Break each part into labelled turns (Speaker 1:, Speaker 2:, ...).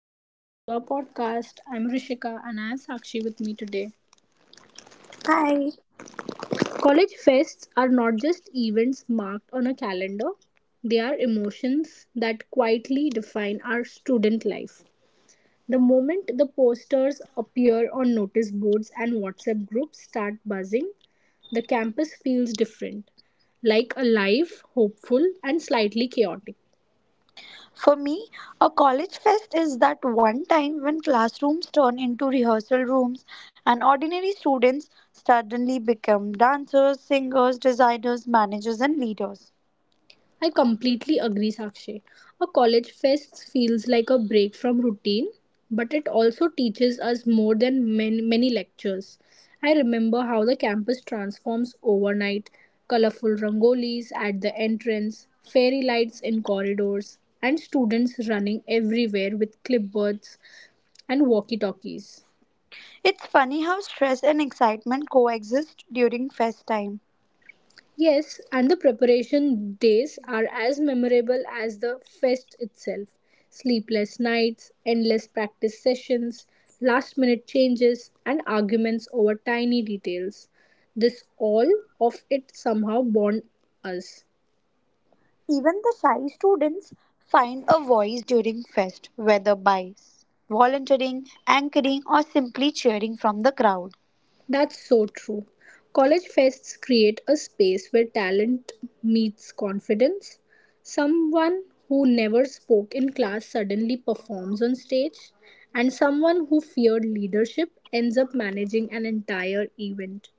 Speaker 1: welcome back to our podcast. I'm Rishika and I have Sakshi with me today.
Speaker 2: Hi.
Speaker 1: College fests are not just events marked on a calendar, they are emotions that quietly define our student life. The moment the posters appear on notice boards and WhatsApp groups start buzzing, the campus feels different, like alive, hopeful, and slightly chaotic.
Speaker 2: For me, a college fest is that one time when classrooms turn into rehearsal rooms and ordinary students suddenly become dancers, singers, designers, managers, and leaders.
Speaker 1: I completely agree, Sakshi. A college fest feels like a break from routine, but it also teaches us more than many, many lectures. I remember how the campus transforms overnight, colorful rangolis at the entrance, fairy lights in corridors, and students running everywhere with clipboards and walkie talkies.
Speaker 2: It's funny how stress and excitement coexist during fest time.
Speaker 1: Yes, and the preparation days are as memorable as the fest itself. Sleepless nights, endless practice sessions, last minute changes, and arguments over tiny details. This all of it somehow bond us.
Speaker 2: Even the shy students find a voice during fest, whether by volunteering, anchoring, or simply cheering from the crowd.
Speaker 1: That's so true. College fests create a space where talent meets confidence. Someone who never spoke in class suddenly performs on stage, and someone who feared leadership ends up managing an entire event.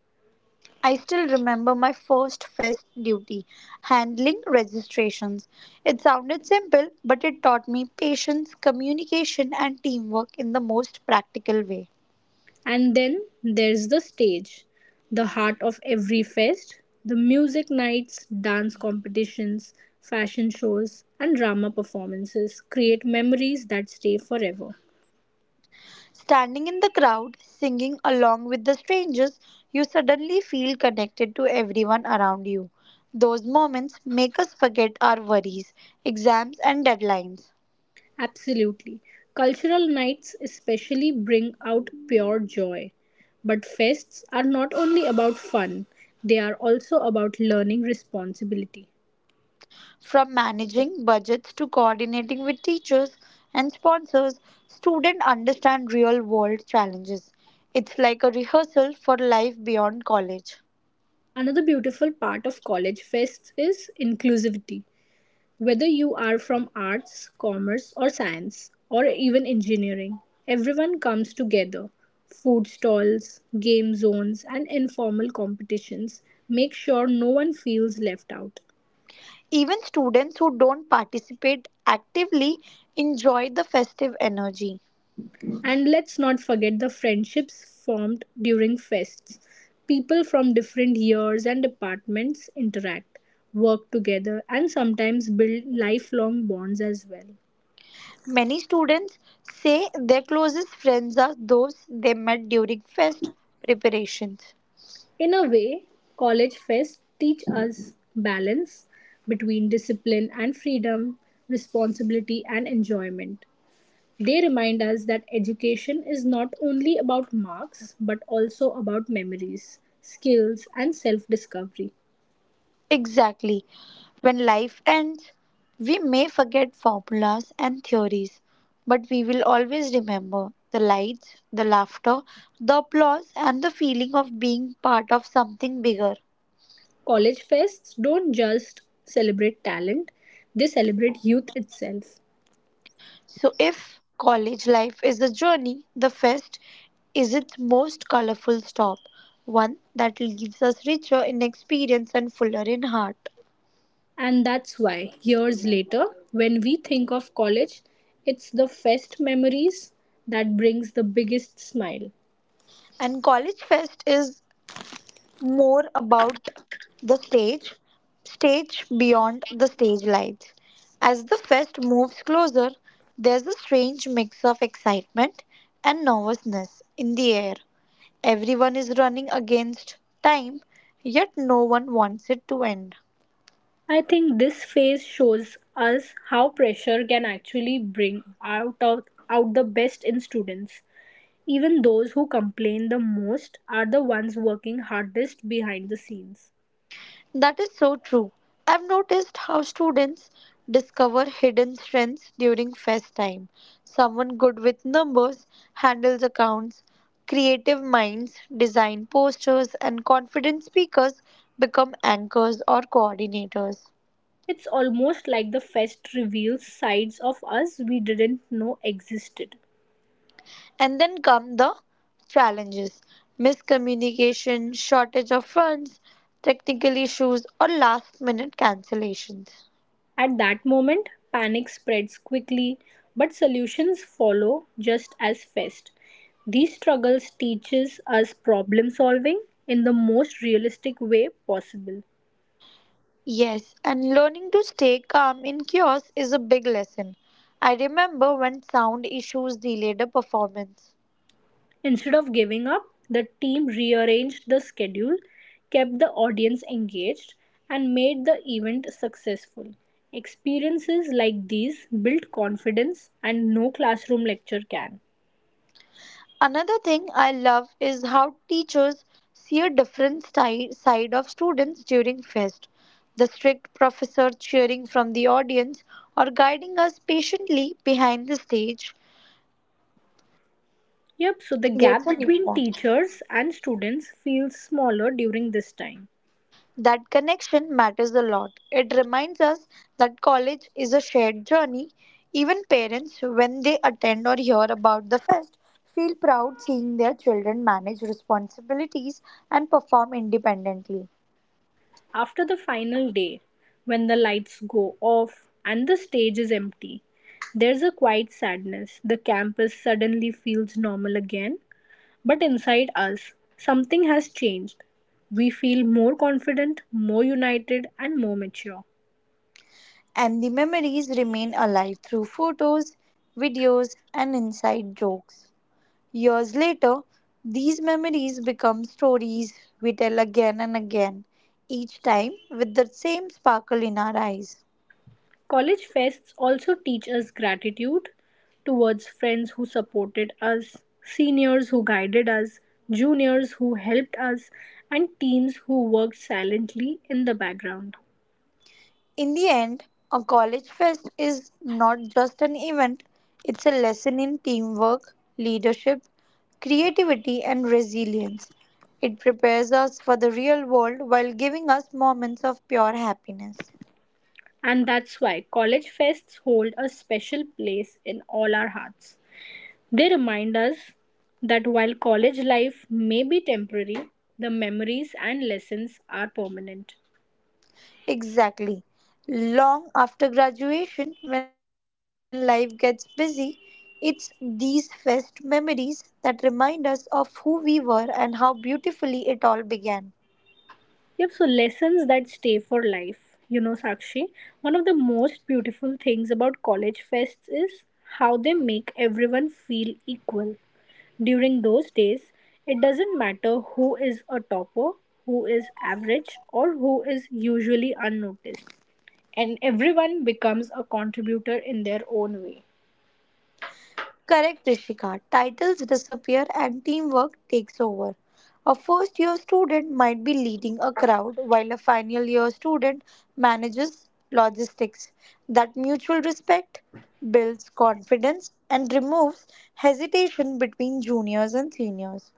Speaker 2: I still remember my first fest duty, handling registrations. It sounded simple, but it taught me patience, communication, and teamwork in the most practical way.
Speaker 1: And then there's the stage, the heart of every fest, the music nights, dance competitions, fashion shows, and drama performances create memories that stay forever.
Speaker 2: Standing in the crowd, singing along with the strangers, you suddenly feel connected to everyone around you. Those moments make us forget our worries, exams, and deadlines.
Speaker 1: Absolutely. Cultural nights especially bring out pure joy. But fests are not only about fun, they are also about learning responsibility.
Speaker 2: From managing budgets to coordinating with teachers and sponsors, students understand real world challenges. It's like a rehearsal for life beyond college.
Speaker 1: Another beautiful part of college fests is inclusivity. Whether you are from arts, commerce, or science, or even engineering, everyone comes together. Food stalls, game zones, and informal competitions make sure no one feels left out.
Speaker 2: Even students who don't participate actively enjoy the festive energy.
Speaker 1: And let's not forget the friendships formed during fests. People from different years and departments interact, work together, and sometimes build lifelong bonds as well.
Speaker 2: Many students say their closest friends are those they met during fest preparations.
Speaker 1: In a way, college fests teach us balance between discipline and freedom, responsibility and enjoyment. They remind us that education is not only about marks but also about memories, skills, and self discovery.
Speaker 2: Exactly. When life ends, we may forget formulas and theories, but we will always remember the lights, the laughter, the applause, and the feeling of being part of something bigger.
Speaker 1: College fests don't just celebrate talent, they celebrate youth itself.
Speaker 2: So, if college life is a journey, the fest is its most colorful stop, one that leaves us richer in experience and fuller in heart.
Speaker 1: And that's why, years later, when we think of college, it's the fest memories that brings the biggest smile.
Speaker 2: And college fest is more about the stage, beyond the stage lights. As the fest moves closer, there's a strange mix of excitement and nervousness in the air. Everyone is running against time, yet no one wants it to end.
Speaker 1: I think this phase shows us how pressure can actually out the best in students. Even those who complain the most are the ones working hardest behind the scenes.
Speaker 2: That is so true. I've noticed how students discover hidden strengths during fest time. Someone good with numbers handles accounts, creative minds design posters, and confident speakers become anchors or coordinators.
Speaker 1: It's almost like the fest reveals sides of us we didn't know existed.
Speaker 2: And then come the challenges: miscommunication, shortage of funds, technical issues, or last minute cancellations.
Speaker 1: At that moment, panic spreads quickly, but solutions follow just as fast. These struggles teaches us problem solving in the most realistic way possible.
Speaker 2: Yes, and learning to stay calm in chaos is a big lesson. I remember when sound issues delayed a performance.
Speaker 1: Instead of giving up, the team rearranged the schedule, kept the audience engaged, and made the event successful. Experiences like these build confidence, and no classroom lecture can.
Speaker 2: Another thing I love is how teachers see a side of students during fest. The strict professor cheering from the audience or guiding us patiently behind the stage
Speaker 1: Yep, so the gap
Speaker 2: creates a new
Speaker 1: between
Speaker 2: bond.
Speaker 1: teachers and students feels smaller during this time.
Speaker 2: That connection matters a lot. It reminds us that college is a shared journey. Even parents, when they attend or hear about the fest, feel proud seeing their children manage responsibilities and perform independently.
Speaker 1: After the final day, when the lights go off and the stage is empty, there's a quiet sadness. The campus suddenly feels normal again, but inside us, something has changed. We feel more confident, more united, and more mature.
Speaker 2: And the memories remain alive through photos, videos, and inside jokes. Years later, these memories become stories we tell again and again, each time with the same sparkle in our eyes.
Speaker 1: College fests also teach us gratitude towards friends who supported us, seniors who guided us, juniors who helped us, and teens who worked silently in the background.
Speaker 2: In the end, a college fest is not just an event, it's a lesson in teamwork, leadership, creativity, and resilience. It prepares us for the real world while giving us moments of pure happiness.
Speaker 1: And that's why college fests hold a special place in all our hearts. They remind us that while college life may be temporary, the memories and lessons are permanent.
Speaker 2: Exactly. Long after graduation, when life gets busy, it's these fest memories that remind us of who we were and how beautifully it all began.
Speaker 1: Yep, so lessons that stay for life. You know, Sakshi, one of the most beautiful things about college fests is how they make everyone feel equal. During those days, it doesn't matter who is a topper, who is average, or who is usually unnoticed, and everyone becomes a contributor in their own way.
Speaker 2: Correct, Rishika. Titles disappear and teamwork takes over. A first year student might be leading a crowd while a final year student manages logistics. That mutual respect builds confidence and removes hesitation between juniors and seniors.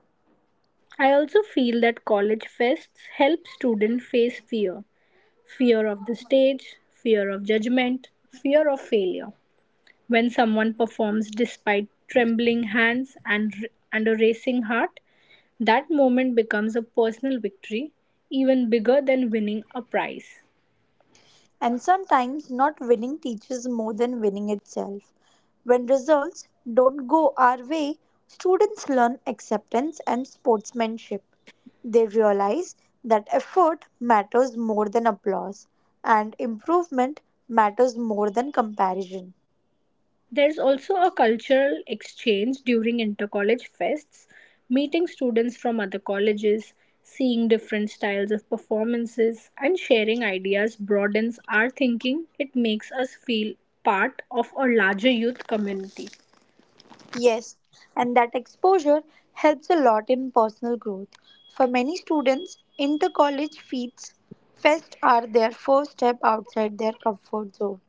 Speaker 1: I also feel that college fests help students face fear, fear of the stage, fear of judgment, fear of failure. When someone performs despite trembling hands and a racing heart, that moment becomes a personal victory, even bigger than winning a prize.
Speaker 2: And sometimes not winning teaches more than winning itself. When results don't go our way, students learn acceptance and sportsmanship. They realize that effort matters more than applause and improvement matters more than comparison.
Speaker 1: There's also a cultural exchange during intercollege fests, meeting students from other colleges, seeing different styles of performances, and sharing ideas broadens our thinking. It makes us feel part of a larger youth community.
Speaker 2: Yes, and that exposure helps a lot in personal growth. For many students, inter college feats fest are their first step outside their comfort zone.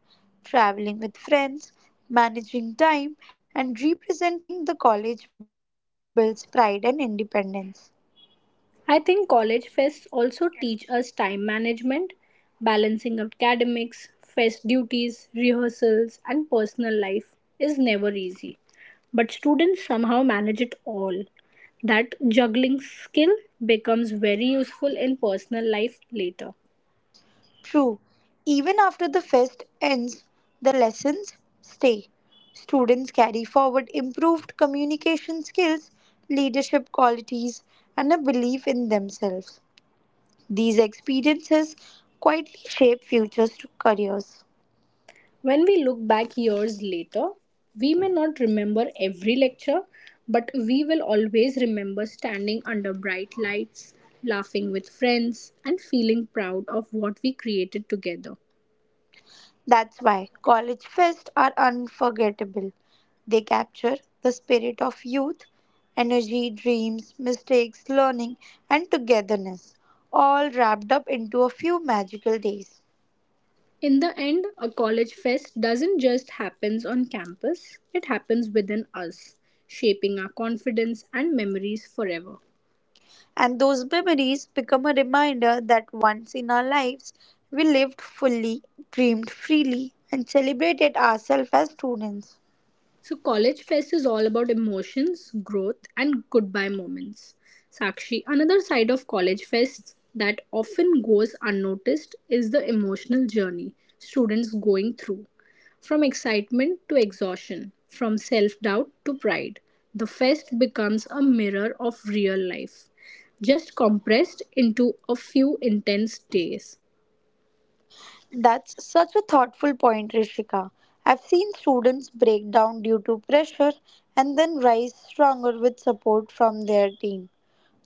Speaker 2: Traveling with friends, managing time, and representing the college builds pride and independence.
Speaker 1: I think college fests also teach us time management, balancing academics, fest duties, rehearsals, and personal life is never easy. But students somehow manage it all. That juggling skill becomes very useful in personal life later.
Speaker 2: True, even after the fest ends, the lessons stay. Students carry forward improved communication skills, leadership qualities, and a belief in themselves. These experiences quietly shape futures to careers.
Speaker 1: When we look back years later, we may not remember every lecture, but we will always remember standing under bright lights, laughing with friends, and feeling proud of what we created together.
Speaker 2: That's why college fests are unforgettable. They capture the spirit of youth, energy, dreams, mistakes, learning, and togetherness, all wrapped up into a few magical days.
Speaker 1: In the end, a college fest doesn't just happens on campus, it happens within us, shaping our confidence and memories forever.
Speaker 2: And those memories become a reminder that once in our lives, we lived fully, dreamed freely, and celebrated ourselves as students.
Speaker 1: So, College Fest is all about emotions, growth, and goodbye moments. Sakshi, another side of College Fest that often goes unnoticed is the emotional journey students going through. From excitement to exhaustion, from self doubt to pride, the fest becomes a mirror of real life, just compressed into a few intense days.
Speaker 2: That's such a thoughtful point, Rishika. I've seen students break down due to pressure and then rise stronger with support from their team.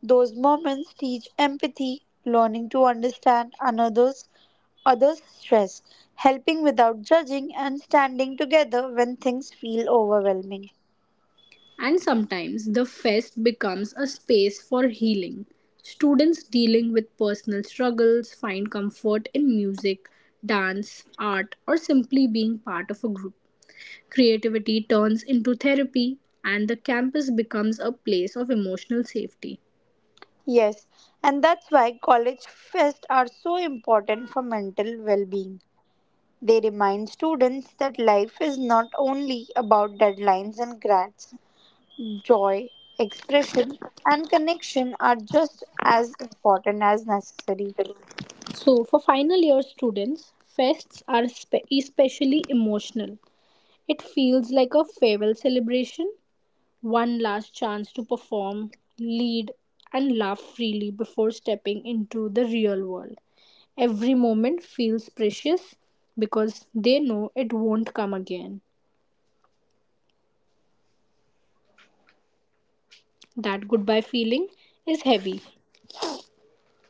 Speaker 2: Those moments teach empathy, learning to understand another's others' stress, helping without judging, and standing together when things feel overwhelming.
Speaker 1: And sometimes the fest becomes a space for healing. Students dealing with personal struggles find comfort in music, dance, art, or simply being part of a group. Creativity turns into therapy, and the campus becomes a place of emotional safety.
Speaker 2: Yes, and that's why college fests are so important for mental well being. They remind students that life is not only about deadlines and grades, joy, expression, and connection are just as important as necessary.
Speaker 1: So, for final year students, fests are especially emotional. It feels like a farewell celebration, one last chance to perform, lead, and laugh freely before stepping into the real world. Every moment feels precious because they know it won't come again. That goodbye feeling is heavy.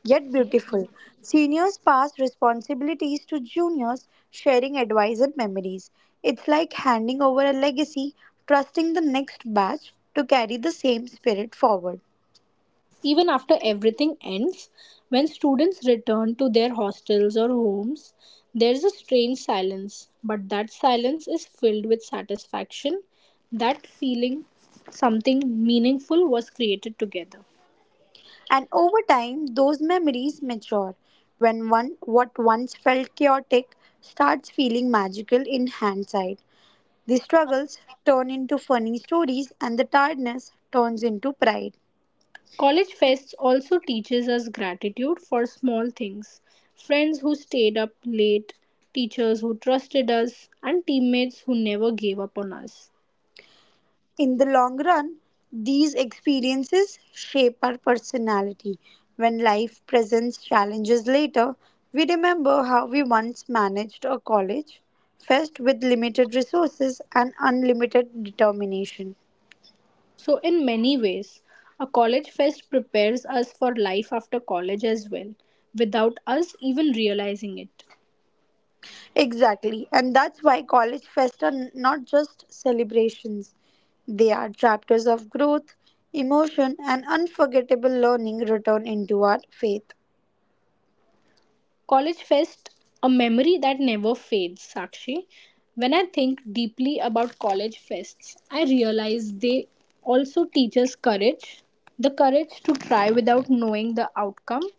Speaker 2: Yet beautiful. Seniors pass responsibilities to juniors, sharing advice and memories. It's like handing over a legacy, trusting the next batch to carry the same spirit forward.
Speaker 1: Even after everything ends, when students return to their hostels or homes, there is a strange silence, but that silence is filled with satisfaction, that feeling something meaningful was created together.
Speaker 2: And over time, those memories mature. What once felt chaotic starts feeling magical in hindsight. The struggles turn into funny stories and the tiredness turns into pride.
Speaker 1: College Fest also teaches us gratitude for small things, friends who stayed up late, teachers who trusted us, and teammates who never gave up on us.
Speaker 2: In the long run, these experiences shape our personality. When life presents challenges later, we remember how we once managed a college fest with limited resources and unlimited determination.
Speaker 1: So, in many ways, a college fest prepares us for life after college as well, without us even realizing it.
Speaker 2: Exactly. And that's why college fest not just celebrations. They are chapters of growth, emotion, and unforgettable learning return into our faith.
Speaker 1: College Fest, a memory that never fades, Sakshi. When I think deeply about college fests, I realize they also teach us courage. The courage to try without knowing the outcome,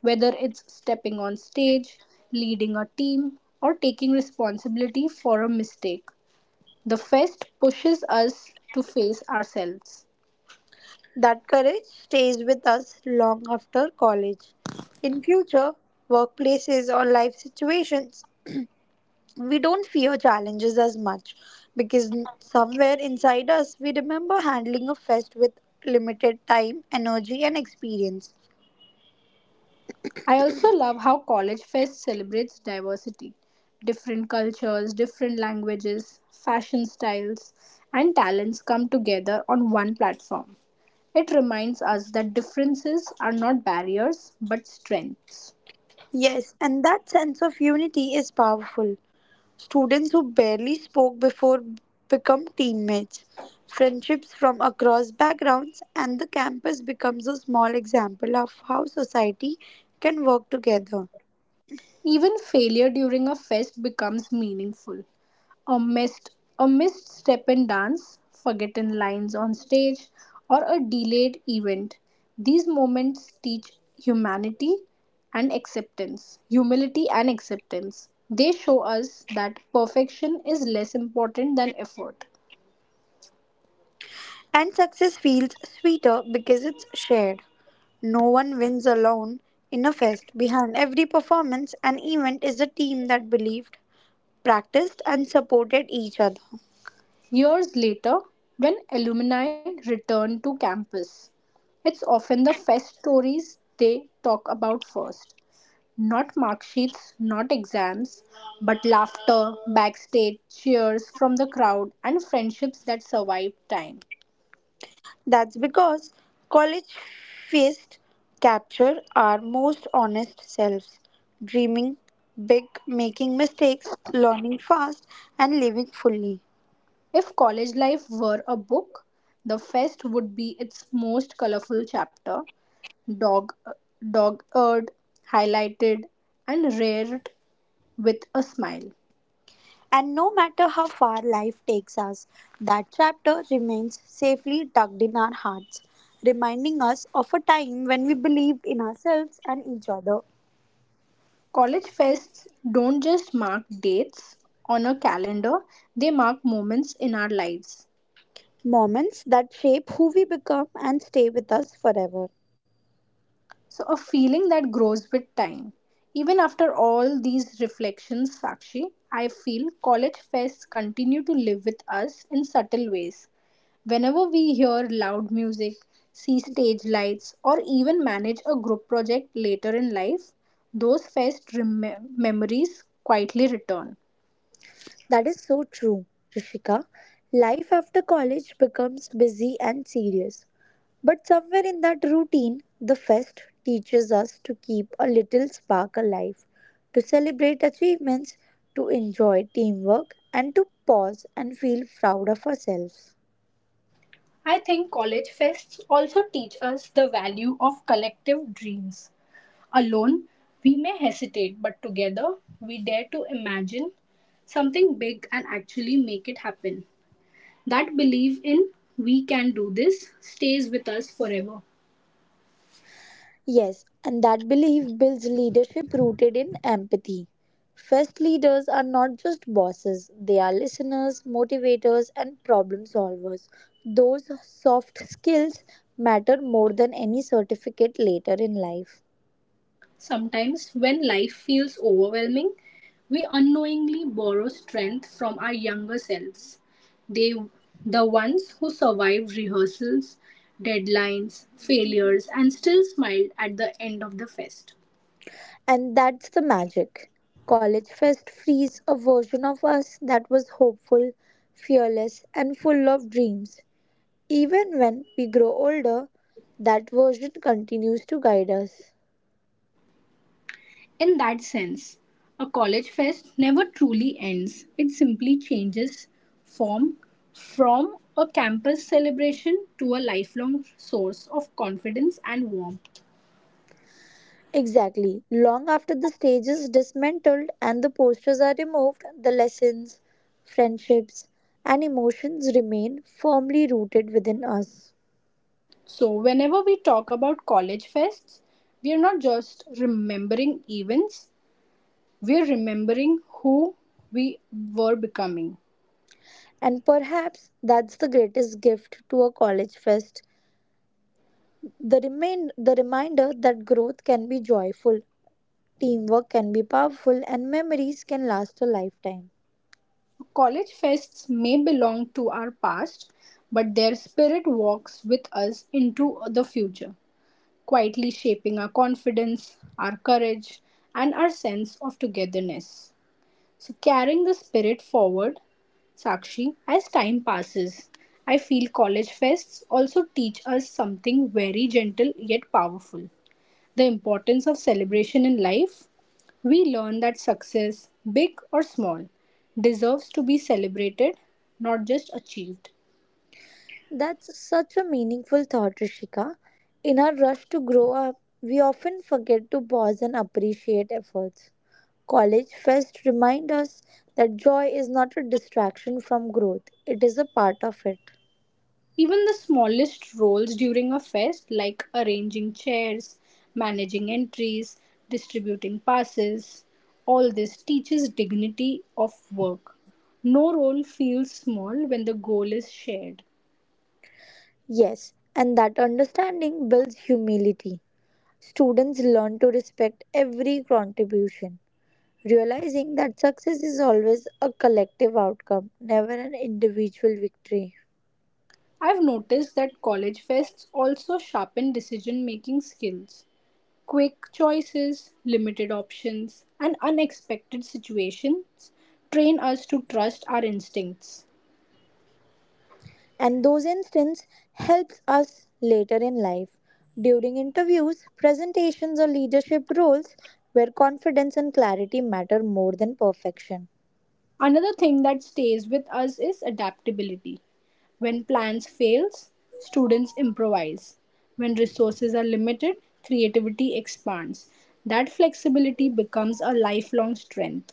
Speaker 1: whether it's stepping on stage, leading a team, or taking responsibility for a mistake. The fest pushes us to face ourselves.
Speaker 2: That courage stays with us long after college. In future workplaces or life situations, we don't fear challenges as much because somewhere inside us we remember handling a fest with limited time, energy, and experience.
Speaker 1: I also love how College Fest celebrates diversity, different cultures, different languages, fashion styles, and talents come together on one platform. It reminds us that differences are not barriers but strengths.
Speaker 2: Yes, and that sense of unity is powerful. Students who barely spoke before become teammates. Friendships from across backgrounds and the campus becomes a small example of how society can work together.
Speaker 1: Even failure during a fest becomes meaningful. A missed a missed step in dance, forgotten lines on stage, or a delayed event. These moments teach humanity and acceptance. Humility and acceptance. They show us that perfection is less important than effort.
Speaker 2: And success feels sweeter because it's shared. No one wins alone in a fest. Behind every performance and event is a team that believed, practiced, and supported each other.
Speaker 1: Years later, when alumni return to campus, it's often the fest stories they talk about first. Not mark sheets, not exams, but laughter, backstage cheers from the crowd, and friendships that survive time.
Speaker 2: That's because college feasts capture our most honest selves, dreaming big, making mistakes, learning fast, and living fully.
Speaker 1: If college life were a book, the fest would be its most colorful chapter, dog dog-eared, highlighted, and reared with a smile.
Speaker 2: And no matter how far life takes us, that chapter remains safely tucked in our hearts, reminding us of a time when we believed in ourselves and each other.
Speaker 1: College fests don't just mark dates on a calendar, they mark moments in our lives.
Speaker 2: Moments that shape who we become and stay with us forever.
Speaker 1: So, a feeling that grows with time. Even after all these reflections, Sakshi, I feel college fests continue to live with us in subtle ways. Whenever we hear loud music, see stage lights, or even manage a group project later in life, those memories quietly return.
Speaker 2: That is so true, Rishika. Life after college becomes busy and serious. But somewhere in that routine, the fest teaches us to keep a little spark alive, to celebrate achievements, to enjoy teamwork, and to pause and feel proud of ourselves.
Speaker 1: I think college fests also teach us the value of collective dreams. Alone, we may hesitate, but together, we dare to imagine something big and actually make it happen. That belief in we can do this stays with us forever.
Speaker 2: Yes, and that belief builds leadership rooted in empathy. First leaders are not just bosses, they are listeners, motivators, and problem solvers. Those soft skills matter more than any certificate later in life.
Speaker 1: Sometimes, when life feels overwhelming, we unknowingly borrow strength from our younger selves. They, the ones who survived rehearsals, deadlines, failures, and still smiled at the end of the fest.
Speaker 2: And that's the magic. College fest frees a version of us that was hopeful, fearless, and full of dreams. Even when we grow older, that version continues to guide us.
Speaker 1: In that sense, a college fest never truly ends, it simply changes form from a campus celebration to a lifelong source of confidence and warmth.
Speaker 2: Exactly. Long after the stage is dismantled and the posters are removed, the lessons, friendships, and emotions remain firmly rooted within us.
Speaker 1: So, whenever we talk about college fests, we are not just remembering events, we are remembering who we were becoming.
Speaker 2: And perhaps that's the greatest gift to a college fest. The reminder that growth can be joyful, teamwork can be powerful, and memories can last a lifetime.
Speaker 1: College fests may belong to our past, but their spirit walks with us into the future, quietly shaping our confidence, our courage, and our sense of togetherness. So, carrying the spirit forward, Sakshi, as time passes, I feel college fests also teach us something very gentle yet powerful, the importance of celebration in life. We learn that success, big or small, deserves to be celebrated, not just achieved.
Speaker 2: That's such a meaningful thought, Rishika. In our rush to grow up, we often forget to pause and appreciate efforts. College fest remind us that joy is not a distraction from growth, it is a part of it.
Speaker 1: Even the smallest roles during a fest, like arranging chairs, managing entries, distributing passes, all this teaches dignity of work. No role feels small when the goal is shared.
Speaker 2: Yes, and that understanding builds humility. Students learn to respect every contribution, realizing that success is always a collective outcome, never an individual victory.
Speaker 1: I've noticed that college fests also sharpen decision making skills. Quick choices, limited options, and unexpected situations train us to trust our instincts.
Speaker 2: And those instances helps us later in life during interviews, presentations or leadership roles where confidence and clarity matter more than perfection.
Speaker 1: Another thing that stays with us is adaptability. When plans fails, students improvise. When resources are limited, creativity expands. That flexibility becomes a lifelong strength.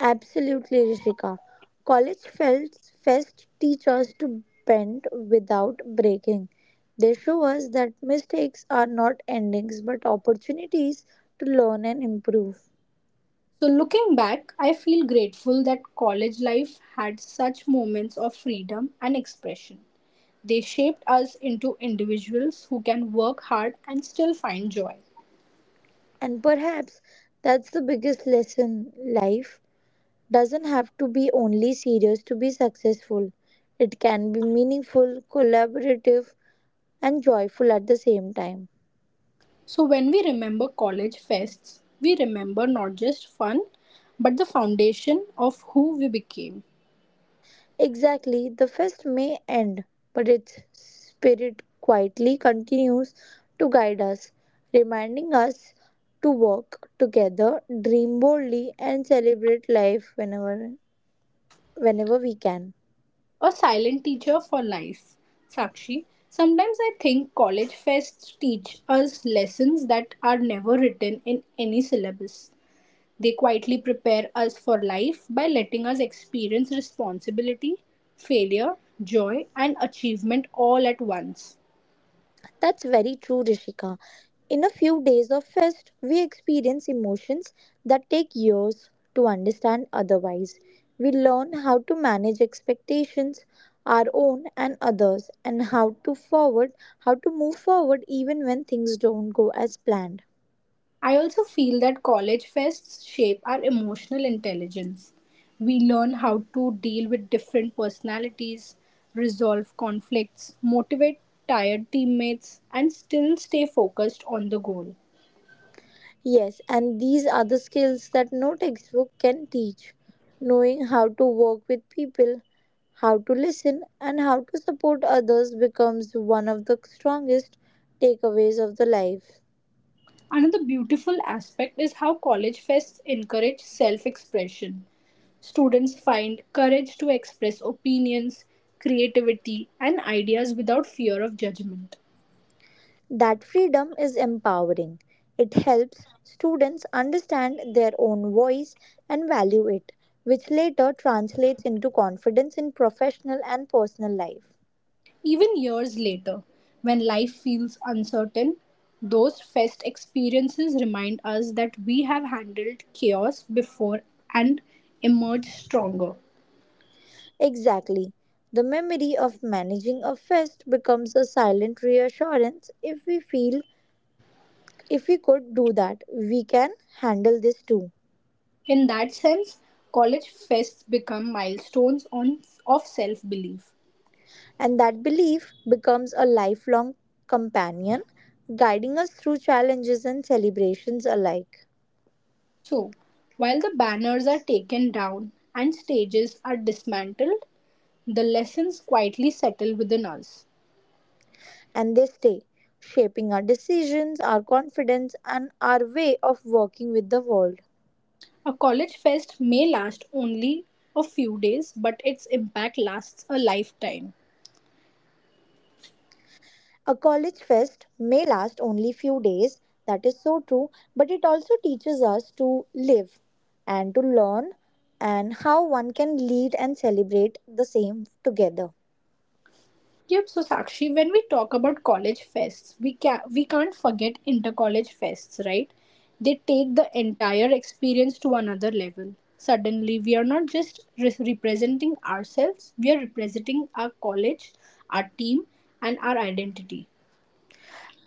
Speaker 2: Absolutely, Rishika. College Felts Fest teach us to bend without breaking. They show us that mistakes are not endings but opportunities to learn and improve.
Speaker 1: So, looking back, I feel grateful that college life had such moments of freedom and expression. They shaped us into individuals who can work hard and still find joy.
Speaker 2: And perhaps that's the biggest lesson life doesn't have to be only serious to be successful. It can be meaningful, collaborative, and joyful at the same time.
Speaker 1: So, when we remember college fests, we remember not just fun, but the foundation of who we became.
Speaker 2: Exactly, the fest may end, but its spirit quietly continues to guide us, reminding us to walk together, dream boldly, and celebrate life whenever we can.
Speaker 1: A silent teacher for life. Sakshi, sometimes I think college fests teach us lessons that are never written in any syllabus. They quietly prepare us for life by letting us experience responsibility, failure, joy, and achievement all at once.
Speaker 2: That's very true, Rishika. In a few days of fest, we experience emotions that take years to understand otherwise. We learn how to manage expectations, our own and others, and how to move forward even when things don't go as planned.
Speaker 1: I also feel that college fests shape our emotional intelligence. We learn how to deal with different personalities, resolve conflicts, motivate tired teammates, and still stay focused on the goal.
Speaker 2: Yes, and these are the skills that no textbook can teach. Knowing how to work with people, how to listen, and how to support others becomes one of the strongest takeaways of the life.
Speaker 1: Another beautiful aspect is how college fests encourage self expression. Students find courage to express opinions, creativity, and ideas without fear of judgment.
Speaker 2: That freedom is empowering. It helps students understand their own voice and value it, which later translates into confidence in professional and personal life.
Speaker 1: Even years later, when life feels uncertain, those fest experiences remind us that we have handled chaos before and emerged stronger.
Speaker 2: Exactly. The memory of managing a fest becomes a silent reassurance if we could do that, we can handle this too.
Speaker 1: In that sense, college fests become milestones of self belief.
Speaker 2: And that belief becomes a lifelong companion, guiding us through challenges and celebrations alike.
Speaker 1: So, while the banners are taken down and stages are dismantled, the lessons quietly settle within us.
Speaker 2: And they stay, shaping our decisions, our confidence, and our way of working with the world.
Speaker 1: A college fest may last only a few days, but its impact lasts a lifetime.
Speaker 2: A college fest may last only few days, that is so true, but it also teaches us to live and to learn and how one can lead and celebrate the same together.
Speaker 1: Yep, so Sakshi, when we talk about college fests, we can't forget intercollege fests, right? They take the entire experience to another level. Suddenly, we are not just representing ourselves; we are representing our college, our team, and our identity.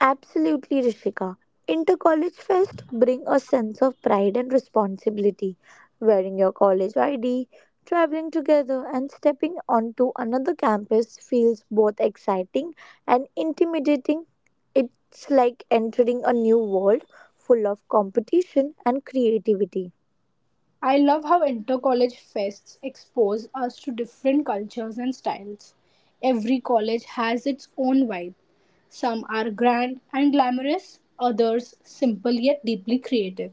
Speaker 2: Absolutely, Rishika. Inter-college fest bring a sense of pride and responsibility. Wearing your college ID, traveling together, and stepping onto another campus feels both exciting and intimidating. It's like entering a new world full of competition and creativity.
Speaker 1: I love how intercollege fests expose us to different cultures and styles. Every college has its own vibe. Some are grand and glamorous, others simple yet deeply creative.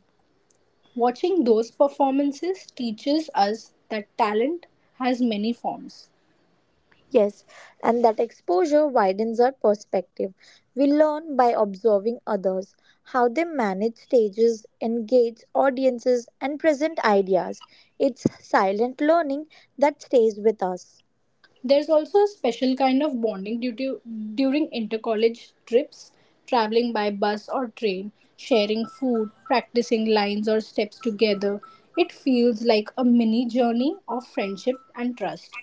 Speaker 1: Watching those performances teaches us that talent has many forms.
Speaker 2: Yes, and that exposure widens our perspective. We learn by observing others, how they manage stages, engage audiences, and present ideas. It's silent learning that stays with us.
Speaker 1: There's also a special kind of bonding during intercollege trips, traveling by bus or train, sharing food, practicing lines or steps together. It feels like a mini journey of friendship and trust.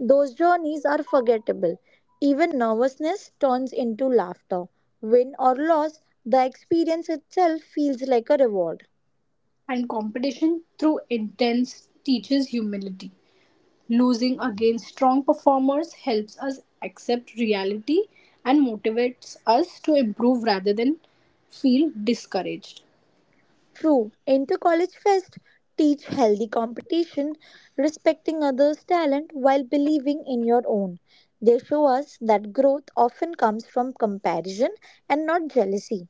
Speaker 2: Those journeys are forgettable. Even nervousness turns into laughter. Win or loss, the experience itself feels like a reward.
Speaker 1: And competition through intense teaches humility. Losing against strong performers helps us accept reality and motivates us to improve rather than feel discouraged.
Speaker 2: True, inter-college fest teach healthy competition, respecting others' talent while believing in your own. They show us that growth often comes from comparison and not jealousy.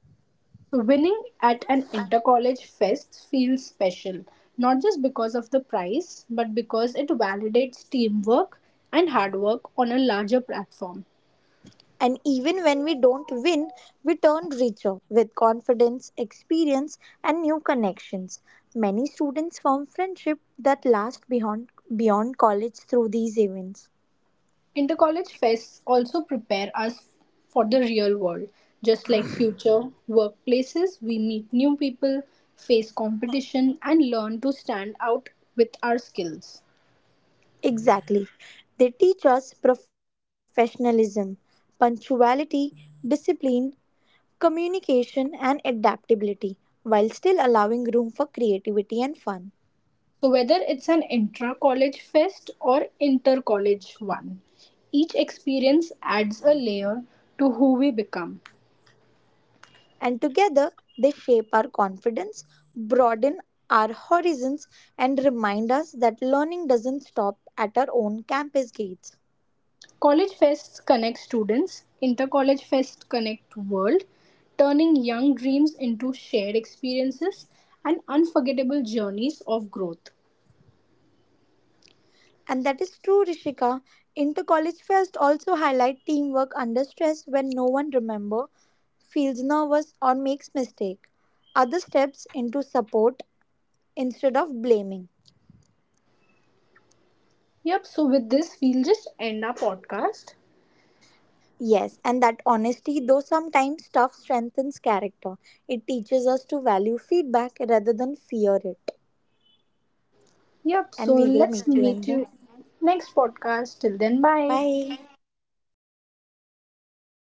Speaker 1: So, winning at an inter college fest feels special, not just because of the prize, but because it validates teamwork and hard work on a larger platform.
Speaker 2: And even when we don't win, we turn richer with confidence, experience, and new connections. Many students form friendship that last beyond college through these events.
Speaker 1: Inter college fests also prepare us for the real world. Just like future workplaces, we meet new people, face competition, and learn to stand out with our skills.
Speaker 2: Exactly. They teach us professionalism, punctuality, discipline, communication, and adaptability while still allowing room for creativity and fun.
Speaker 1: So whether it's an intra-college fest or inter-college one, each experience adds a layer to who we become.
Speaker 2: And together, they shape our confidence, broaden our horizons, and remind us that learning doesn't stop at our own campus gates.
Speaker 1: College fests connect students, inter-college fests connect world, turning young dreams into shared experiences and unforgettable journeys of growth.
Speaker 2: And that is true, Rishika. Inter-college fest also highlight teamwork under stress when no one remember, feels nervous or makes mistake. Other steps into support instead of blaming.
Speaker 1: Yep, so with this we'll just end our podcast.
Speaker 2: Yes, and that honesty, though sometimes tough, strengthens character. It teaches us to value feedback rather than fear it.
Speaker 1: Yep, so
Speaker 2: And we will
Speaker 1: let's
Speaker 2: meet you in
Speaker 1: meet
Speaker 2: the
Speaker 1: you next podcast. Till then, bye.
Speaker 2: bye.